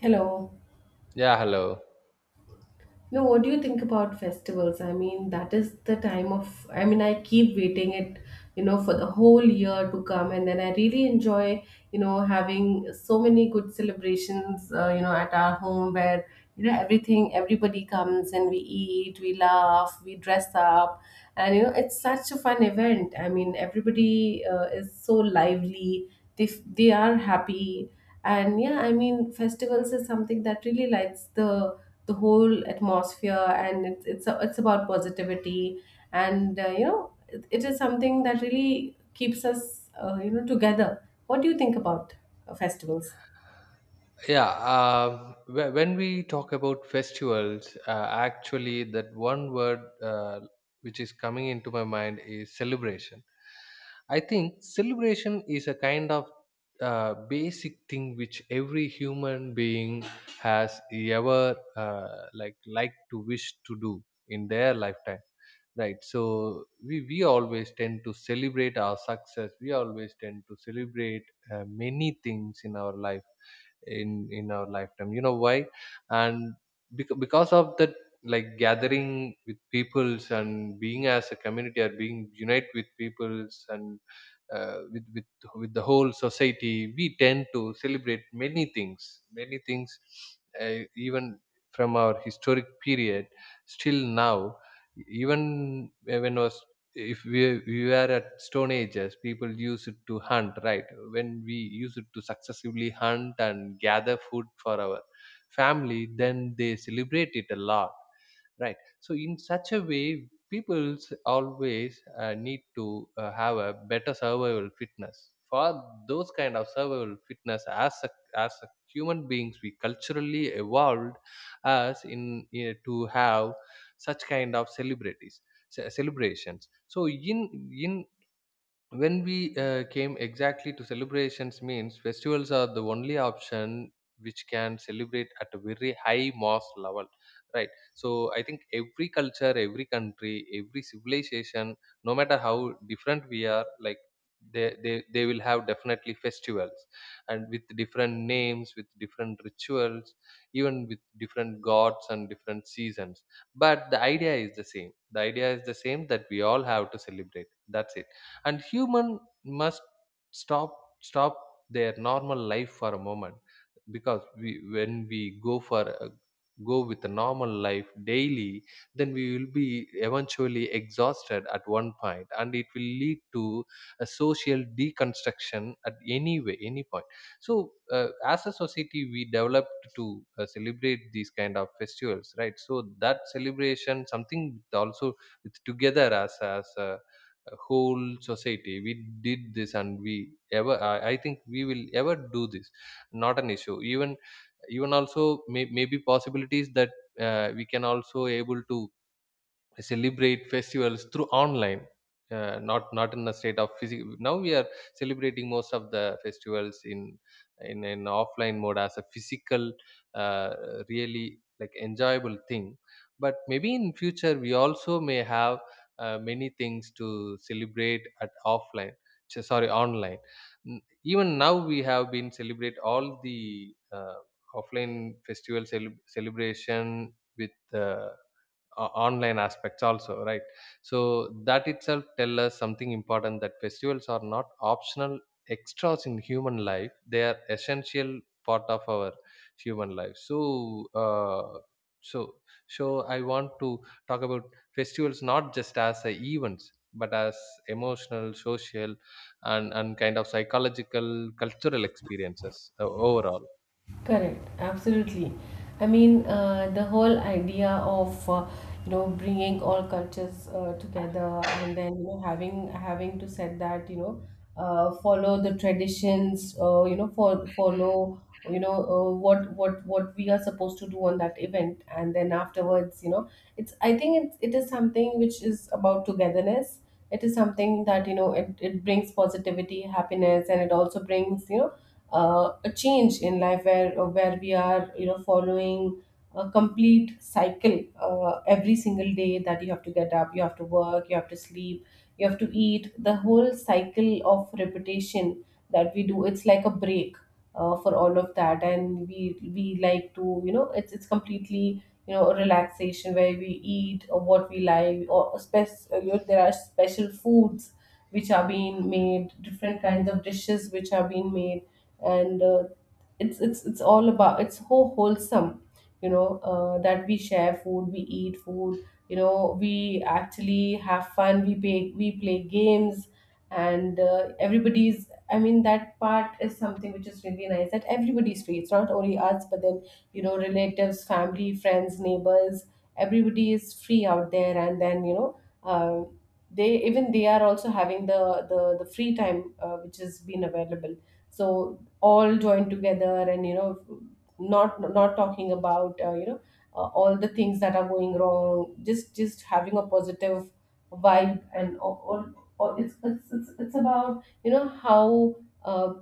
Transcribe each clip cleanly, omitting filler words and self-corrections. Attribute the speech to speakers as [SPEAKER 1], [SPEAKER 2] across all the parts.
[SPEAKER 1] Hello.
[SPEAKER 2] Yeah, hello.
[SPEAKER 1] No, what do you think about festivals? I mean, that is the time of, I mean, I keep waiting it, for the whole year to come. And then I really enjoy, having so many good celebrations, at our home where, everything, everybody comes, and we eat, we laugh, we dress up. And, it's such a fun event. I mean, everybody is so lively. They, they are happy. And yeah, I mean, festivals is something that really lights the whole atmosphere, and it's it's about positivity. And it is something that really keeps us together. What do you think about festivals?
[SPEAKER 2] Yeah, when we talk about festivals, actually that one word, which is coming into my mind is celebration. I think celebration is a kind of basic thing which every human being has ever like to wish to do in their lifetime, right? So we always tend to celebrate our success. We always tend to celebrate many things in our life, in our lifetime, you know why? And because of that, like gathering with peoples and being as a community or being unite with peoples, and uh, with with with the whole society, we tend to celebrate many things, many things, even from our historic period still now. Even when I was If we were at stone ages, people use it to hunt, right? When we use it to successively hunt and gather food for our family, then they celebrate it a lot, right? So in such a way, people always need to have a better survival fitness. For those kind of survival fitness as a human beings, we culturally evolved us in, to have such kind of celebrities, celebrations. So in When we came exactly to celebrations, means festivals are the only option which can celebrate at a very high mass level, right? So I think every culture, every country, every civilization, no matter how different we are, like they will have definitely festivals, and with different names, with different rituals, even with different gods and different seasons. But the idea is the same, the idea is the same, that we all have to celebrate, that's it. And human must stop stop their normal life for a moment, because we, when we go for a, go with a normal life daily, then we will be eventually exhausted at one point, and it will lead to a social deconstruction at any way, any point. So, as a society, we developed to celebrate these kind of festivals, right? So that celebration something with also, with together, as a whole society, we did this. And we ever, I think we will ever do this, not an issue. Even also, maybe possibilities that we can also able to celebrate festivals through online, not in a state of physical. Now we are celebrating most of the festivals in an offline mode, as a physical, uh, really like enjoyable thing. But maybe in future, we also may have many things to celebrate at offline, sorry, online. Even now we have been celebrate all the offline festival, celebration with online aspects also, right? So that itself tell us something important, that festivals are not optional extras in human life. They are essential part of our human life. So uh, so so I want to talk about festivals, not just as a events, but as emotional, social, and kind of psychological, cultural experiences, overall.
[SPEAKER 1] Correct, absolutely. I mean, the whole idea of bringing all cultures together, and then having to set that, follow the traditions, for follow, what we are supposed to do on that event. And then afterwards, it's, I think it is something which is about togetherness. It is something that, it brings positivity, happiness, and it also brings, a change in life where, where we are, following a complete cycle every single day, that you have to get up, you have to work, you have to sleep, you have to eat. The whole cycle of repetition that we do, it's like a break for all of that. And we like to, it's completely, a relaxation, where we eat or what we like, or there are special foods which are being made, different kinds of dishes which are being made. And it's all about, it's so wholesome, that we share food, we eat food, we actually have fun, we play, we play games. And everybody's, I mean that part is something which is really nice, that everybody's free. It's not only us, but then, relatives, family, friends, neighbors, everybody is free out there. And then, they, even they are also having the the free time which has been available. So all joined together, and, not talking about, all the things that are going wrong, just having a positive vibe. And or it's, it's about, how uh,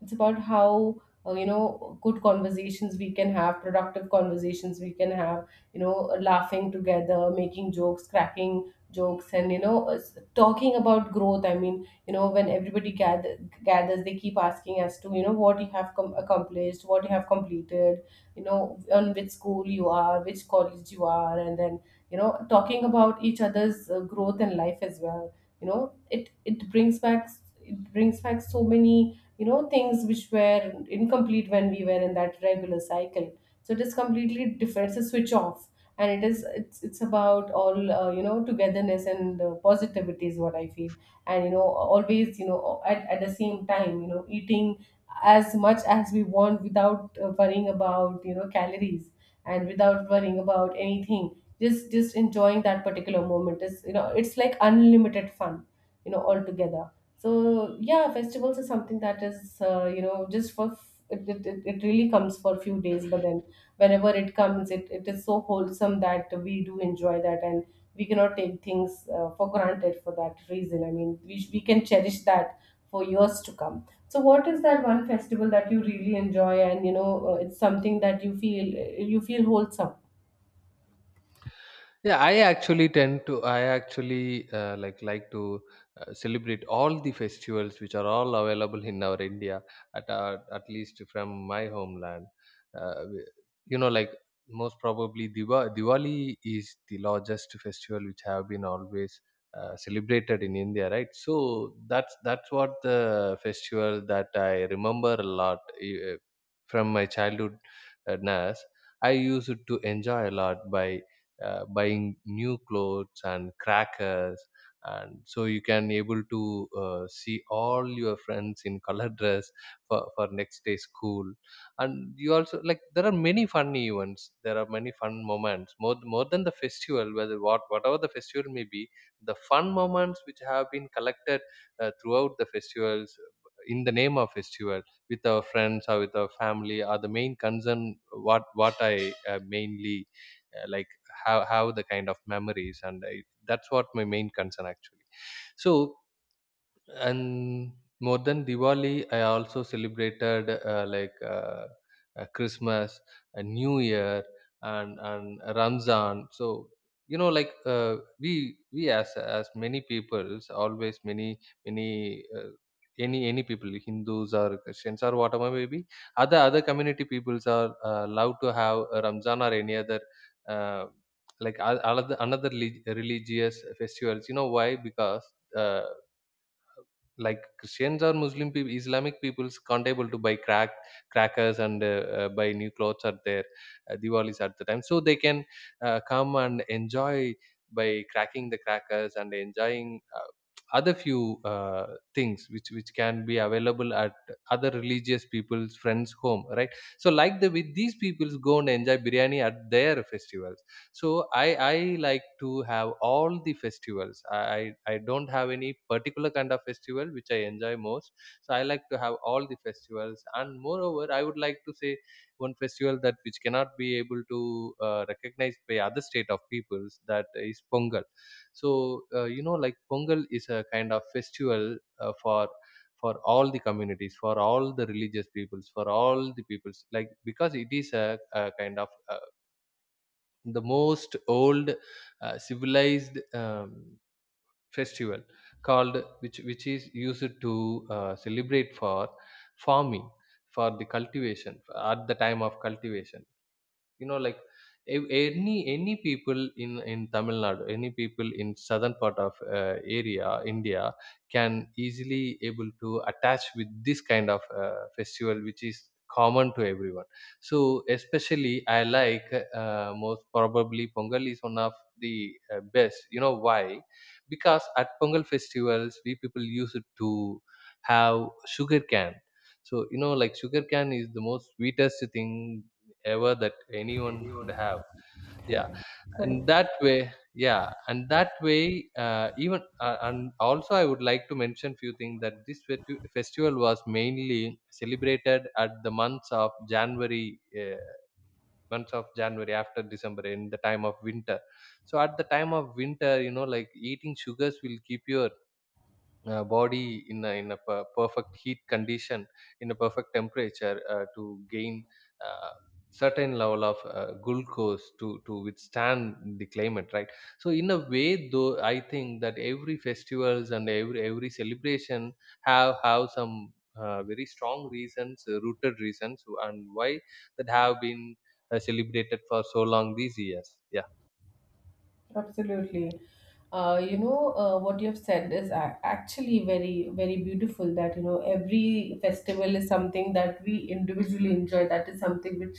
[SPEAKER 1] it's about how, good conversations we can have, productive conversations we can have, you know laughing together, making jokes, cracking jokes. And, talking about growth, I mean, when everybody gathers, they keep asking as to, what you have accomplished, what you have completed, you know on which school you are, which college you are, and then, talking about each other's growth in life as well. It brings back, it brings back so many, things which were incomplete when we were in that regular cycle. So it is completely different, it's a switch off. And it is, it's about all, togetherness and positivity is what I feel. And, always, at the same time, eating as much as we want without, worrying about, calories, and without worrying about anything, just enjoying that particular moment is, it's like unlimited fun, altogether. So yeah, festivals is something that is, just for it really comes for few days, but then whenever it comes, it is so wholesome that we do enjoy that. And we cannot take things for granted, for that reason, I mean we can cherish that for years to come. So, what is that one festival that you really enjoy, and, it's something that you feel, you feel wholesome?
[SPEAKER 2] Yeah, I actually tend to. I actually like to celebrate all the festivals which are all available in our India, at, at least from my homeland. Uh, we- you know, like most probably, Diwali is the largest festival which have been always celebrated in India, right? So that's what the festival that I remember a lot, from my childhood. NAS, I used to enjoy a lot by buying new clothes and crackers, and so you can able to see all your friends in color dress for next day school. And you also like, there are many fun events, there are many fun moments, more than the festival, whether what whatever the festival may be, the fun moments which have been collected throughout the festivals, in the name of festival, with our friends or with our family, are the main concern. What I mainly like, have the kind of memories, and I, that's what my main concern actually. So and More than Diwali, I also celebrated Christmas, a New Year, and Ramzan. So we as many peoples, always many many. Any people, hindus or christians, or whatever may be other, other community peoples are allowed to have a ramzan or any other, uh, another religious festivals, you know why? Because uh, like Christians or Muslim people, Islamic peoples can't able to buy crackers, and buy new clothes at their, Diwalis at the time, so they can come and enjoy by cracking the crackers, and enjoying other few, things which can be available at other religious people's friends' home, right? So like the, with these peoples, go and enjoy biryani at their festivals. So I like to have all the festivals. I don't have any particular kind of festival which I enjoy most. So I like to have all the festivals, and moreover, I would like to say one festival that which cannot be able to recognized by other state of peoples, that is pongal. so Pongal is a kind of festival, uh, for for all the communities, for all the religious peoples, for all the peoples, like because it is a kind of a, the most old, civilized, festival called, which is used to celebrate for farming, for the cultivation, at the time of cultivation. You know like a- any any people in Tamil Nadu, any people in southern part of area India, can easily able to attach with this kind of festival which is common to everyone. So especially I like, most probably Pongal is one of the best. You know why? Because at Pongal festivals, we people use it to have sugar cane. So sugar cane is the most sweetest thing ever that anyone could have, yeah.
[SPEAKER 1] Correct.
[SPEAKER 2] and
[SPEAKER 1] Correct.
[SPEAKER 2] that way yeah and that way, even and also I would like to mention few things, that this festival was mainly celebrated at the months of January, months of January after December, in the time of winter. So at the time of winter, eating sugars will keep your, body in a, perfect heat condition, in a perfect temperature, to gain, uh, certain level of glucose, to withstand the climate, right? So in a way, though, I think that every festivals, and every celebration have some very strong reasons, rooted reasons, and why that have been celebrated for so long these years, yeah.
[SPEAKER 1] Absolutely. What you've said is actually very, very beautiful, that, every festival is something that we individually enjoy. That is something which,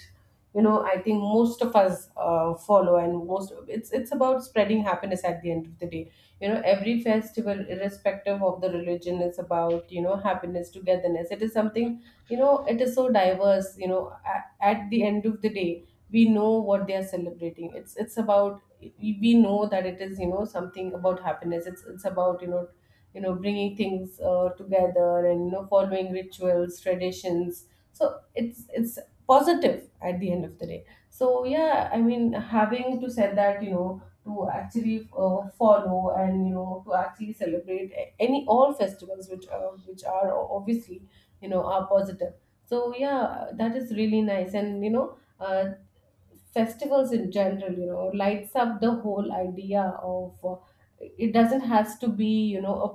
[SPEAKER 1] I think most of us follow, and most, it's about spreading happiness at the end of the day. Every festival, irrespective of the religion, is about, happiness, togetherness. It is something, it is so diverse, at the end of the day, we know what they are celebrating. It's about, we know that it is, something about happiness. It's about, bringing things together, and, following rituals, traditions. So it's positive at the end of the day. So yeah, I mean, having to said that, to actually follow, and, to actually celebrate any, all festivals which, which are obviously, are positive. So yeah, that is really nice. And, uh, festivals in general, lights up the whole idea of, it doesn't has to be, a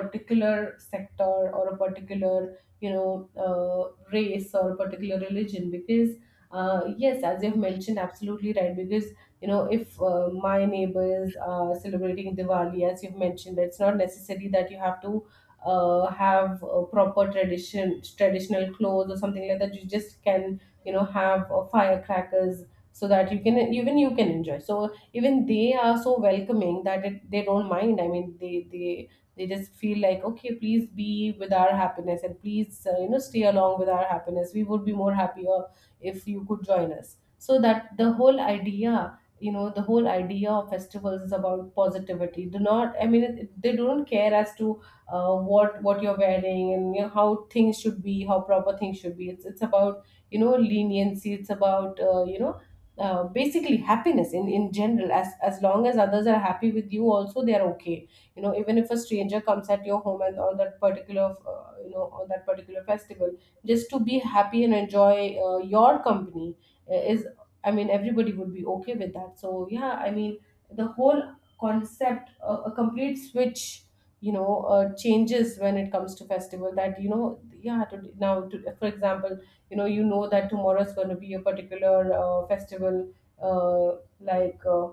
[SPEAKER 1] particular sector, or a particular, race, or a particular religion. Because, yes, as you've mentioned, absolutely right, because, if, my neighbors are celebrating Diwali, as you've mentioned, it's not necessary that you have to, have a proper tradition, traditional clothes or something like that. You just can, have, firecrackers, so that you can even, you can enjoy. So even they are so welcoming that they don't mind. I mean they they just feel like, okay, please be with our happiness, and please, stay along with our happiness. We would be more happier if you could join us. So that the whole idea, the whole idea of festivals is about positivity. Do not, I mean they don't care as to, what you're wearing, and, how things should be, how proper things should be. It's about, leniency. It's about, basically happiness in general. As long as others are happy with you, also they are okay. Even if a stranger comes at your home, and on that particular, on that particular festival, just to be happy and enjoy your company, is, I mean everybody would be okay with that. So yeah, I mean, the whole concept, a complete switch, changes when it comes to festival. That, yeah, now for example, you know that tomorrow is going to be a particular, festival, uh, like uh,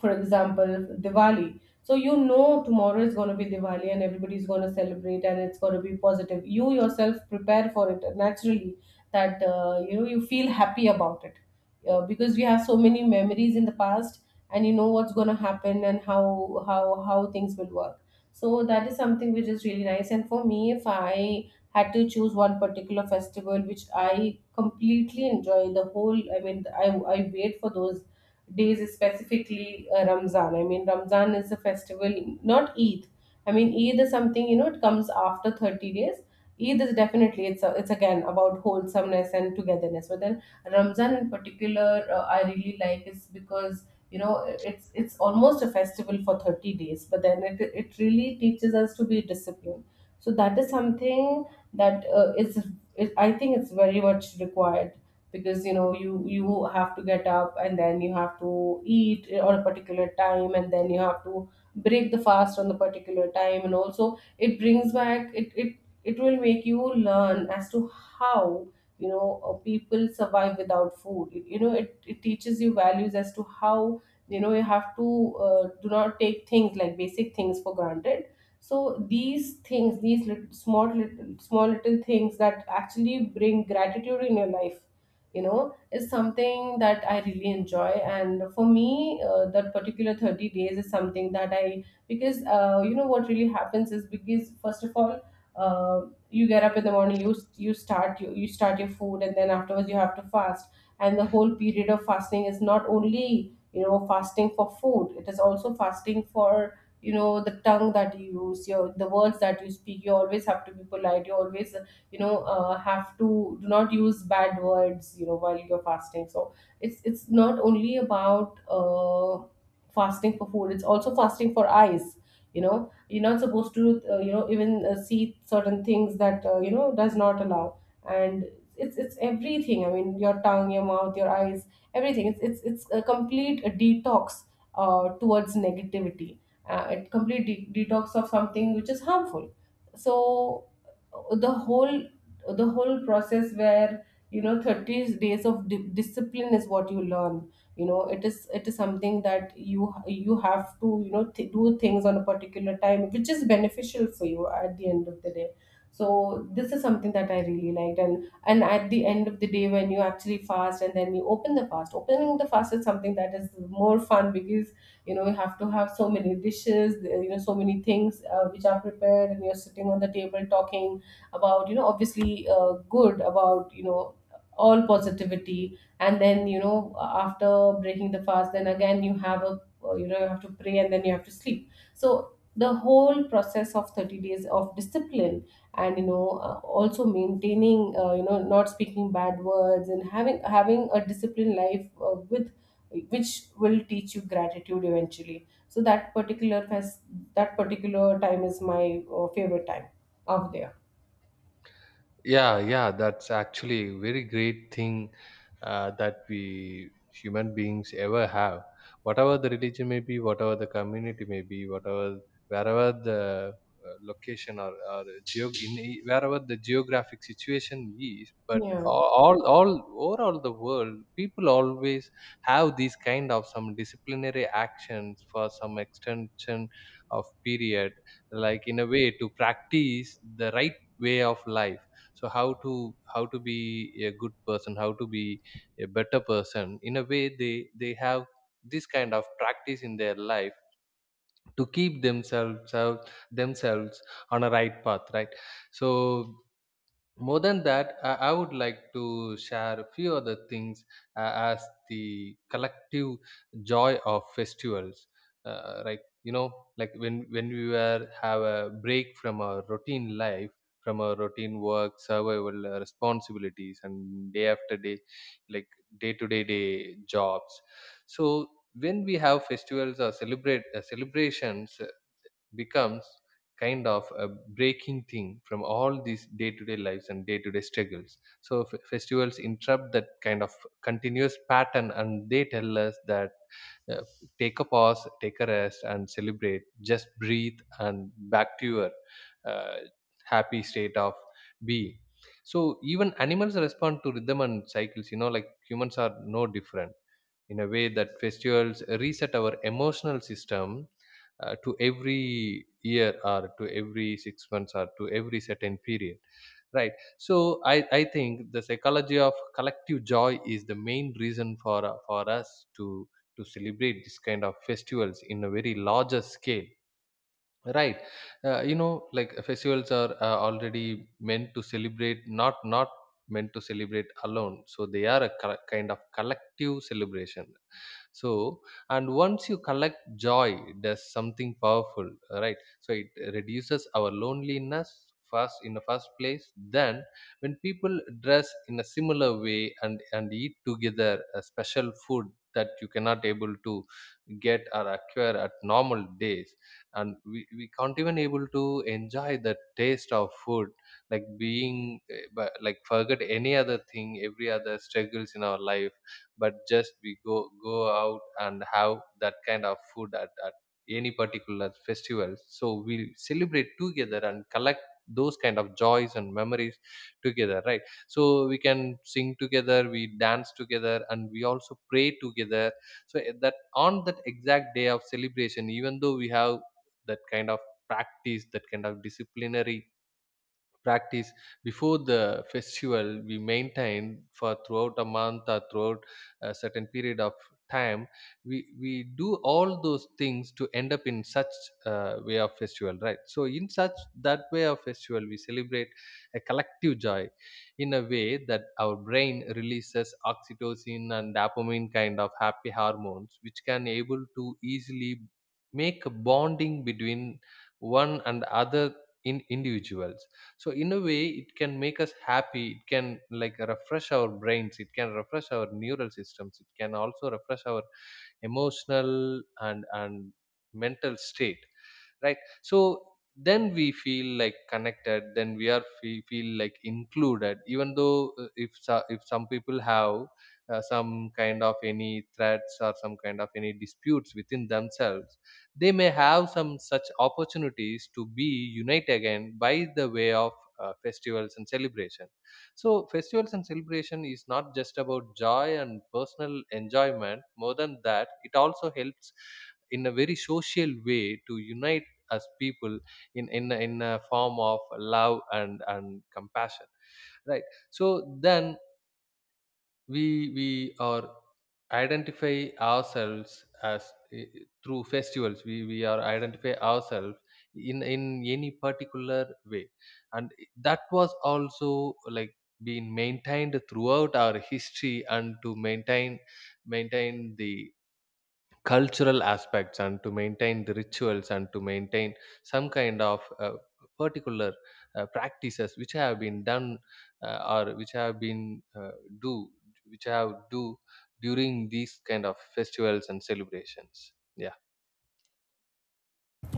[SPEAKER 1] for example, Diwali. So you know tomorrow is going to be Diwali, and everybody's going to celebrate, and it's going to be positive. You yourself prepare for it naturally, that, you feel happy about it, because we have so many memories in the past. And, what's going to happen, and how things will work. So that is something which is really nice. And for me, if I had to choose one particular festival which I completely enjoy, the whole, I mean, I wait for those days specifically, Ramzan. I mean, Ramzan is a festival, not Eid. I mean, Eid is something, you know it comes after 30 days. Eid is definitely, it's again about wholesomeness and togetherness. But then Ramzan in particular, I really like, is because, you know, it's almost a festival for 30 days. But then it really teaches us to be disciplined. So that is something that I think it's very much required because you have to get up and then you have to eat on a particular time and then you have to break the fast on the particular time, and also it brings back it it it Will make you learn as to how, you know, people survive without food. You know, it teaches you values as to how, you know, you have to, do not take things like basic things for granted. So these things, these little small little things that actually bring gratitude in your life, you know, is something that I really enjoy. And for me, that particular 30 days is something that I, because you know, what really happens is, because first of all, uh, you get up in the morning, you you start your food and then afterwards you have to fast. And the whole period of fasting is not only, you know, fasting for food, it is also fasting for, you know, the tongue that you use, your, the words that you speak. You always have to be polite, you always, you know, have to, do not use bad words, you know, while you're fasting. So it's not only about, fasting for food, it's also fasting for eyes. You know, you're not supposed to, you know, even see certain things that, you know, does not allow. And it's it's everything. I mean, your tongue, your mouth, your eyes, everything. It's a complete detox towards negativity, a complete detox of something which is harmful. So the whole, the whole process where, you know, 30 days of discipline is what you learn. You know, it is, it is something that you have to, you know, do things on a particular time which is beneficial for you at the end of the day. So this is something that I really liked. And at the end of the day, when you actually fast and then you open the fast, opening the fast is something that is more fun because, you know, you have to have so many dishes, you know, so many things which are prepared, and you're sitting on the table talking about, you know, obviously good, about, you know, all positivity. And then, you know, after breaking the fast, then again you have a, you know, you have to pray and then you have to sleep. So the whole process of 30 days of discipline, and, you know, also maintaining, you know, not speaking bad words and having a disciplined life, with, which will teach you gratitude eventually. So that particular that particular time is my favorite time out there.
[SPEAKER 2] Yeah, yeah, that's actually a very great thing, that we human beings ever have, whatever the religion may be, whatever the community may be, whatever, wherever the, location, or geo- in e- wherever the geographic situation is. But
[SPEAKER 1] Yeah,
[SPEAKER 2] all overall the world, people always have these kind of some disciplinary actions for some extension of period, like in a way to practice the right way of life. So how to be a good person, how to be a better person, in a way they have this kind of practice in their life, to keep themselves on a right path, right? So more than that, I would like to share a few other things, as the collective joy of festivals, uh, like you know when we were have a break from our routine life, from our routine work, survival responsibilities, and day after day, like day to day day jobs. So when we have festivals or celebrate, celebrations becomes kind of a breaking thing from all these day-to-day lives and day-to-day struggles. So festivals interrupt that kind of continuous pattern, and they tell us that, uh, take a pause, take a rest, and celebrate, just breathe, and back to your, uh, happy state of being. So even animals respond to rhythm and cycles. Humans are no different, in a way that festivals reset our emotional system, to every year, or to every 6 months, or to every certain period, right? So I think the psychology of collective joy is the main reason for us to celebrate this kind of festivals in a very larger scale, right? Festivals are already meant to celebrate, not meant to celebrate alone, so they are a kind of collective celebration. So and Once you collect joy, it does something powerful, right? So it reduces our loneliness, first in the first place. Then when people dress in a similar way, and eat together a special food That you cannot able to get or acquire at normal days. And we can't even able to enjoy the taste of food, like being like forget any other thing, every other struggles in our life, but just we go out and have that kind of food at, any particular festival. So we'll celebrate together and collect those kind of joys and memories together, right? So we can sing together, we dance together, and we also pray together. So that on that exact day of celebration, even though we have that kind of practice, that kind of disciplinary practice before the festival, we maintain for throughout a month or throughout a certain period of time, we do all those things to end up in such way of festival, right? So in such that way of festival, we celebrate a collective joy in a way that our brain releases oxytocin and dopamine kind of happy hormones, which can able to easily make a bonding between one and other, in individuals. So in a way, it can make us happy, it can like refresh our brains, it can refresh our neural systems, it can also refresh our emotional and mental state, right? So then we feel like connected, then we are, we feel like included, even though if if some people have some kind of any threats or some kind of any disputes within themselves, they may have some such opportunities to be unite again by the way of festivals and celebration. So festivals and celebration is not just about joy and personal enjoyment, more than that it also helps in a very social way to unite as people in in a form of love and compassion, right? So then we we are identify ourselves as eh, through festivals, we are identify ourselves in any particular way. And that was also like being maintained throughout our history, and to maintain maintain the cultural aspects, and to maintain the rituals, and to maintain some kind of particular practices which have been done, or which have been do, which have do during these kind of festivals and celebrations, yeah.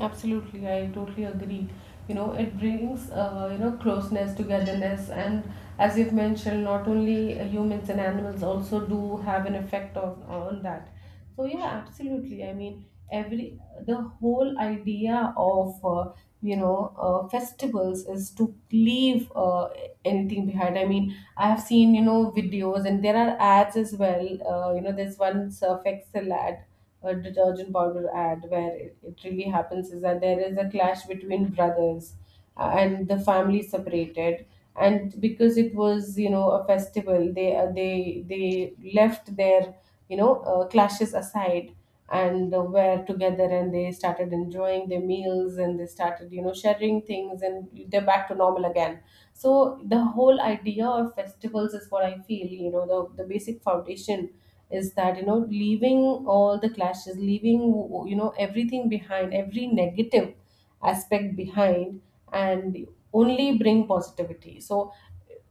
[SPEAKER 1] absolutely. I totally agree. You know, it brings, you know, closeness, togetherness, and as you've mentioned, not only humans and animals also do have an effect on that. So yeah, absolutely. I mean, every, the whole idea of, you know, festivals is to leave, anything behind. I mean, I have seen, you know, videos, and there are ads as well. You know, there's one Surf Excel ad, a detergent powder ad, where it really happens is that there is a clash between brothers, and the family separated. And because it was, you know, a festival, they they left their, you know, clashes aside, and were together, and they started enjoying their meals, and they started, you know, sharing things, and they're back to normal again. So the whole idea of festivals is what I feel, you know, the basic foundation is that, you know, leaving all the clashes, leaving, you know, everything behind, every negative aspect behind, and only bring positivity. So,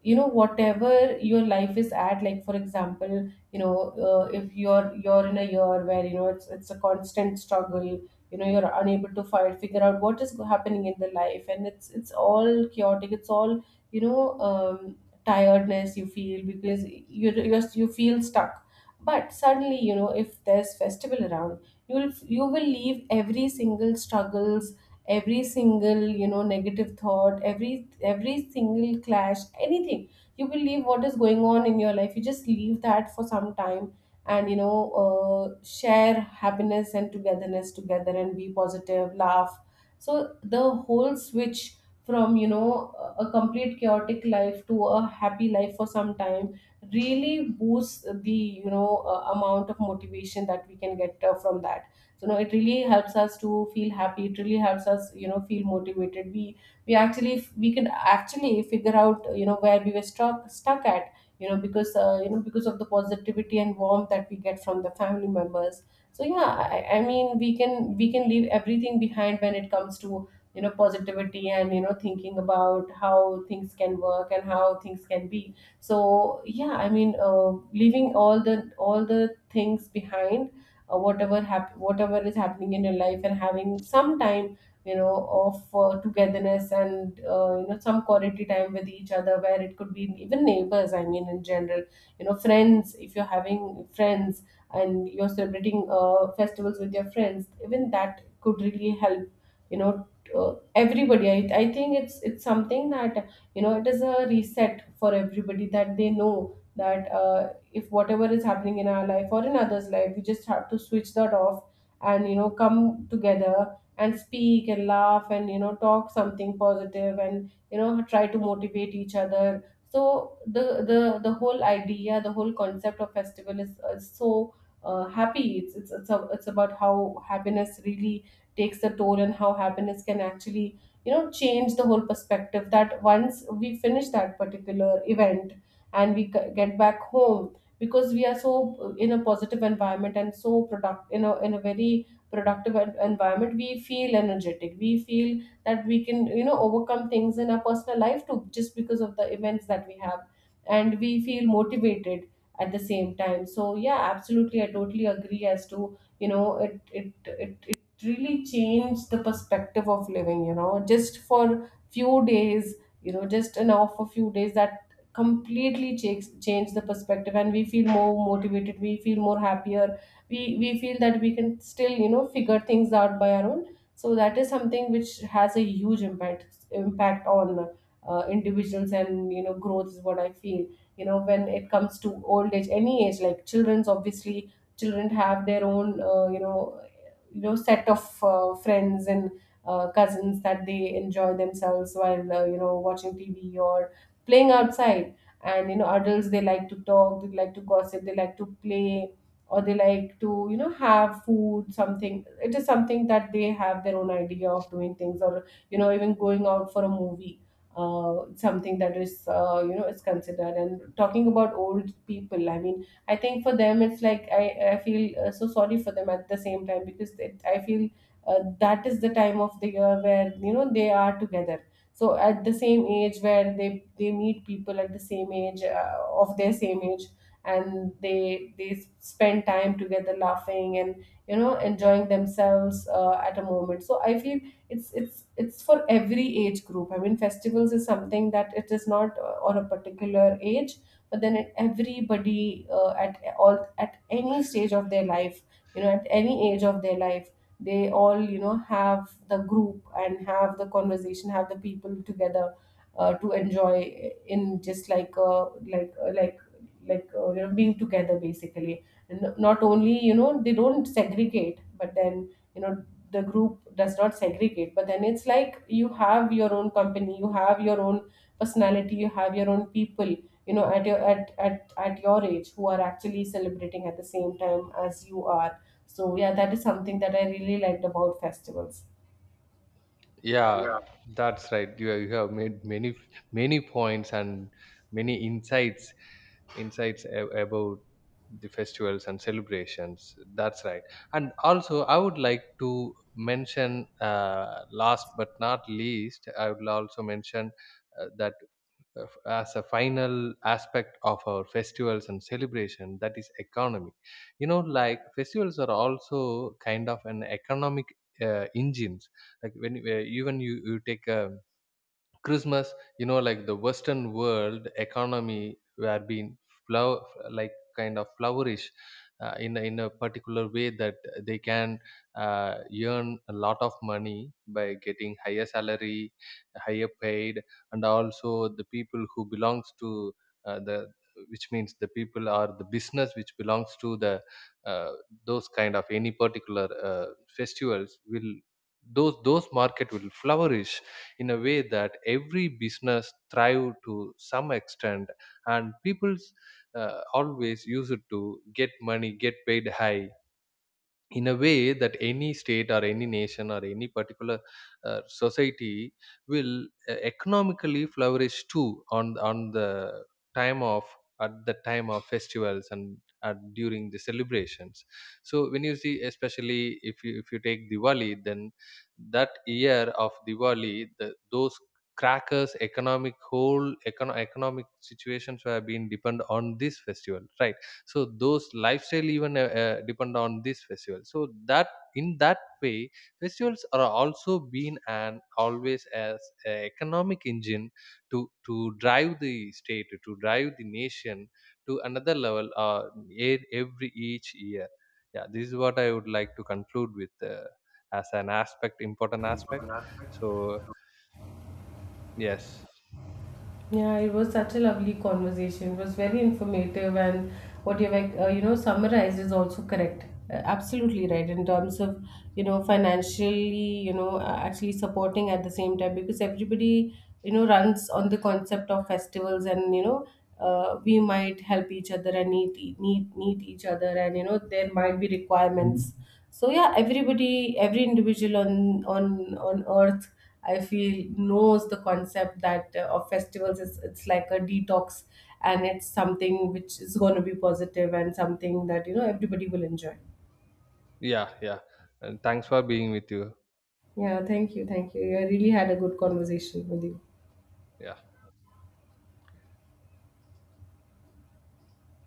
[SPEAKER 1] you know, whatever your life is at, like, for example, you know, if you're in a year where, you know, it's a constant struggle, you know, you're unable to find, figure out what is happening in the life, and it's all chaotic, it's all, you know, tiredness you feel, because you feel stuck. But suddenly, you know, if there's festival around, you will leave every single struggles, every single, you know, negative thought, every single clash, anything, you will leave, what is going on in your life, you just leave that for some time. And, you know, share happiness and togetherness together and be positive, laugh. So the whole switch from, you know, a complete chaotic life to a happy life for some time really boosts the, you know, amount of motivation that we can get from that. So no, it really helps us to feel happy, it really helps us, you know, feel motivated. We actually, we can actually figure out, you know, where we were stuck at, you know, because, you know, because of the positivity and warmth that we get from the family members. So yeah, I mean, we can leave everything behind when it comes to, you know, positivity and, you know, thinking about how things can work and how things can be. So yeah, I mean, leaving all the things behind, whatever whatever is happening in your life, and having some time, you know, of, togetherness and, you know, some quality time with each other, where it could be even neighbors, I mean, in general, you know, friends, if you're having friends and you're celebrating, festivals with your friends, even that could really help, you know, everybody. I think it's something that, you know, it is a reset for everybody, that they know that, if whatever is happening in our life or in others life, we just have to switch that off, and, you know, come together and speak and laugh and, you know, talk something positive and, you know, try to motivate each other. So the whole idea, the whole concept of festival is so happy. It's it's about how happiness really takes a toll, and how happiness can actually, you know, change the whole perspective. That once we finish that particular event, and we get back home, because we are so, in a positive environment, and so product in a, in a very productive environment, we feel energetic, we feel that we can, you know, overcome things in our personal life too, just because of the events that we have. And we feel motivated at the same time. So yeah, absolutely, I totally agree, as to, you know, it it really changed the perspective of living, you know, just for few days, you know, just an off a few days, that completely change the perspective, and we feel more motivated, we feel more happier, we feel that we can still, you know, figure things out by our own. So that is something which has a huge impact on, individuals, and you know, growth, is what I feel, you know, when it comes to old age, any age. Like children's, obviously children have their own, you know, set of, friends and, cousins that they enjoy themselves while, you know, watching tv or playing outside. And, you know, adults, they like to talk, they like to gossip, they like to play, or they like to, you know, have food, something, it is something that they have their own idea of doing things, or, you know, even going out for a movie, something that is, you know, is considered. And talking about old people, I mean, I think for them it's like, I feel, so sorry for them at the same time, because I feel, that is the time of the year where, you know, they are together. So at the same age where they meet people at the same age, of their same age, and they spend time together laughing and, you know, enjoying themselves, at a moment. So I feel it's it's for every age group. I mean, festivals is something that it is not, on a particular age. But then everybody, at all at any stage of their life, you know, at any age of their life, they all, you know, have the group and have the conversation, have the people together, to enjoy in, just like like uh, like you know, being together basically. And not only, you know, they don't segregate, but then, you know, the group does not segregate, but then it's like you have your own company, you have your own personality, you have your own people, you know, at your at your age, who are actually celebrating at the same time as you are. So yeah, that is something that I really liked about festivals.
[SPEAKER 2] Yeah, that's right. You have made many many points and many insights about the festivals and celebrations, that's right. And also, I would like to mention, last but not least, I will also mention that as a final aspect of our festivals and celebration, that is economy. You know, like festivals are also kind of an economic engines. Like when even you take a Christmas, you know, like the Western world economy were being flow, like kind of flourish in in a particular way that they can uh, earn a lot of money by getting higher salary, higher paid, and also the people who belongs to the, which means the people are the business which belongs to the uh, those kind of any particular festivals will, those market will flourish in a way that every business thrive to some extent, and people always use it to get money, get paid high, in a way that any state or any nation or any particular society will economically flourish too on the time of, at the time of festivals and at, during the celebrations. So when you see, especially if you take Diwali, then that year of Diwali, the, those crackers economic whole economic situations have been depend on this festival, right? So those lifestyle even depend on this festival. So that, in that way, festivals are also been and always as a economic engine to drive the state, to drive the nation to another level, every each year. Yeah, this is what I would like to conclude with, as an aspect, important aspect. So yes.
[SPEAKER 1] Yeah, it was such a lovely conversation. It was very informative, and what you like, you know, summarized is also correct. Absolutely right in terms of, you know, financially, you know, actually supporting at the same time, because everybody, you know, runs on the concept of festivals. And you know, we might help each other and need each other, and you know, there might be requirements. So yeah, everybody, every individual on on earth, I feel, knows the concept that, of festivals, is, it's like a detox, and it's something which is going to be positive, and something that, you know, everybody will enjoy.
[SPEAKER 2] Yeah, yeah, and thanks for being with you.
[SPEAKER 1] Yeah, thank you. I really had a good conversation with you.
[SPEAKER 2] Yeah.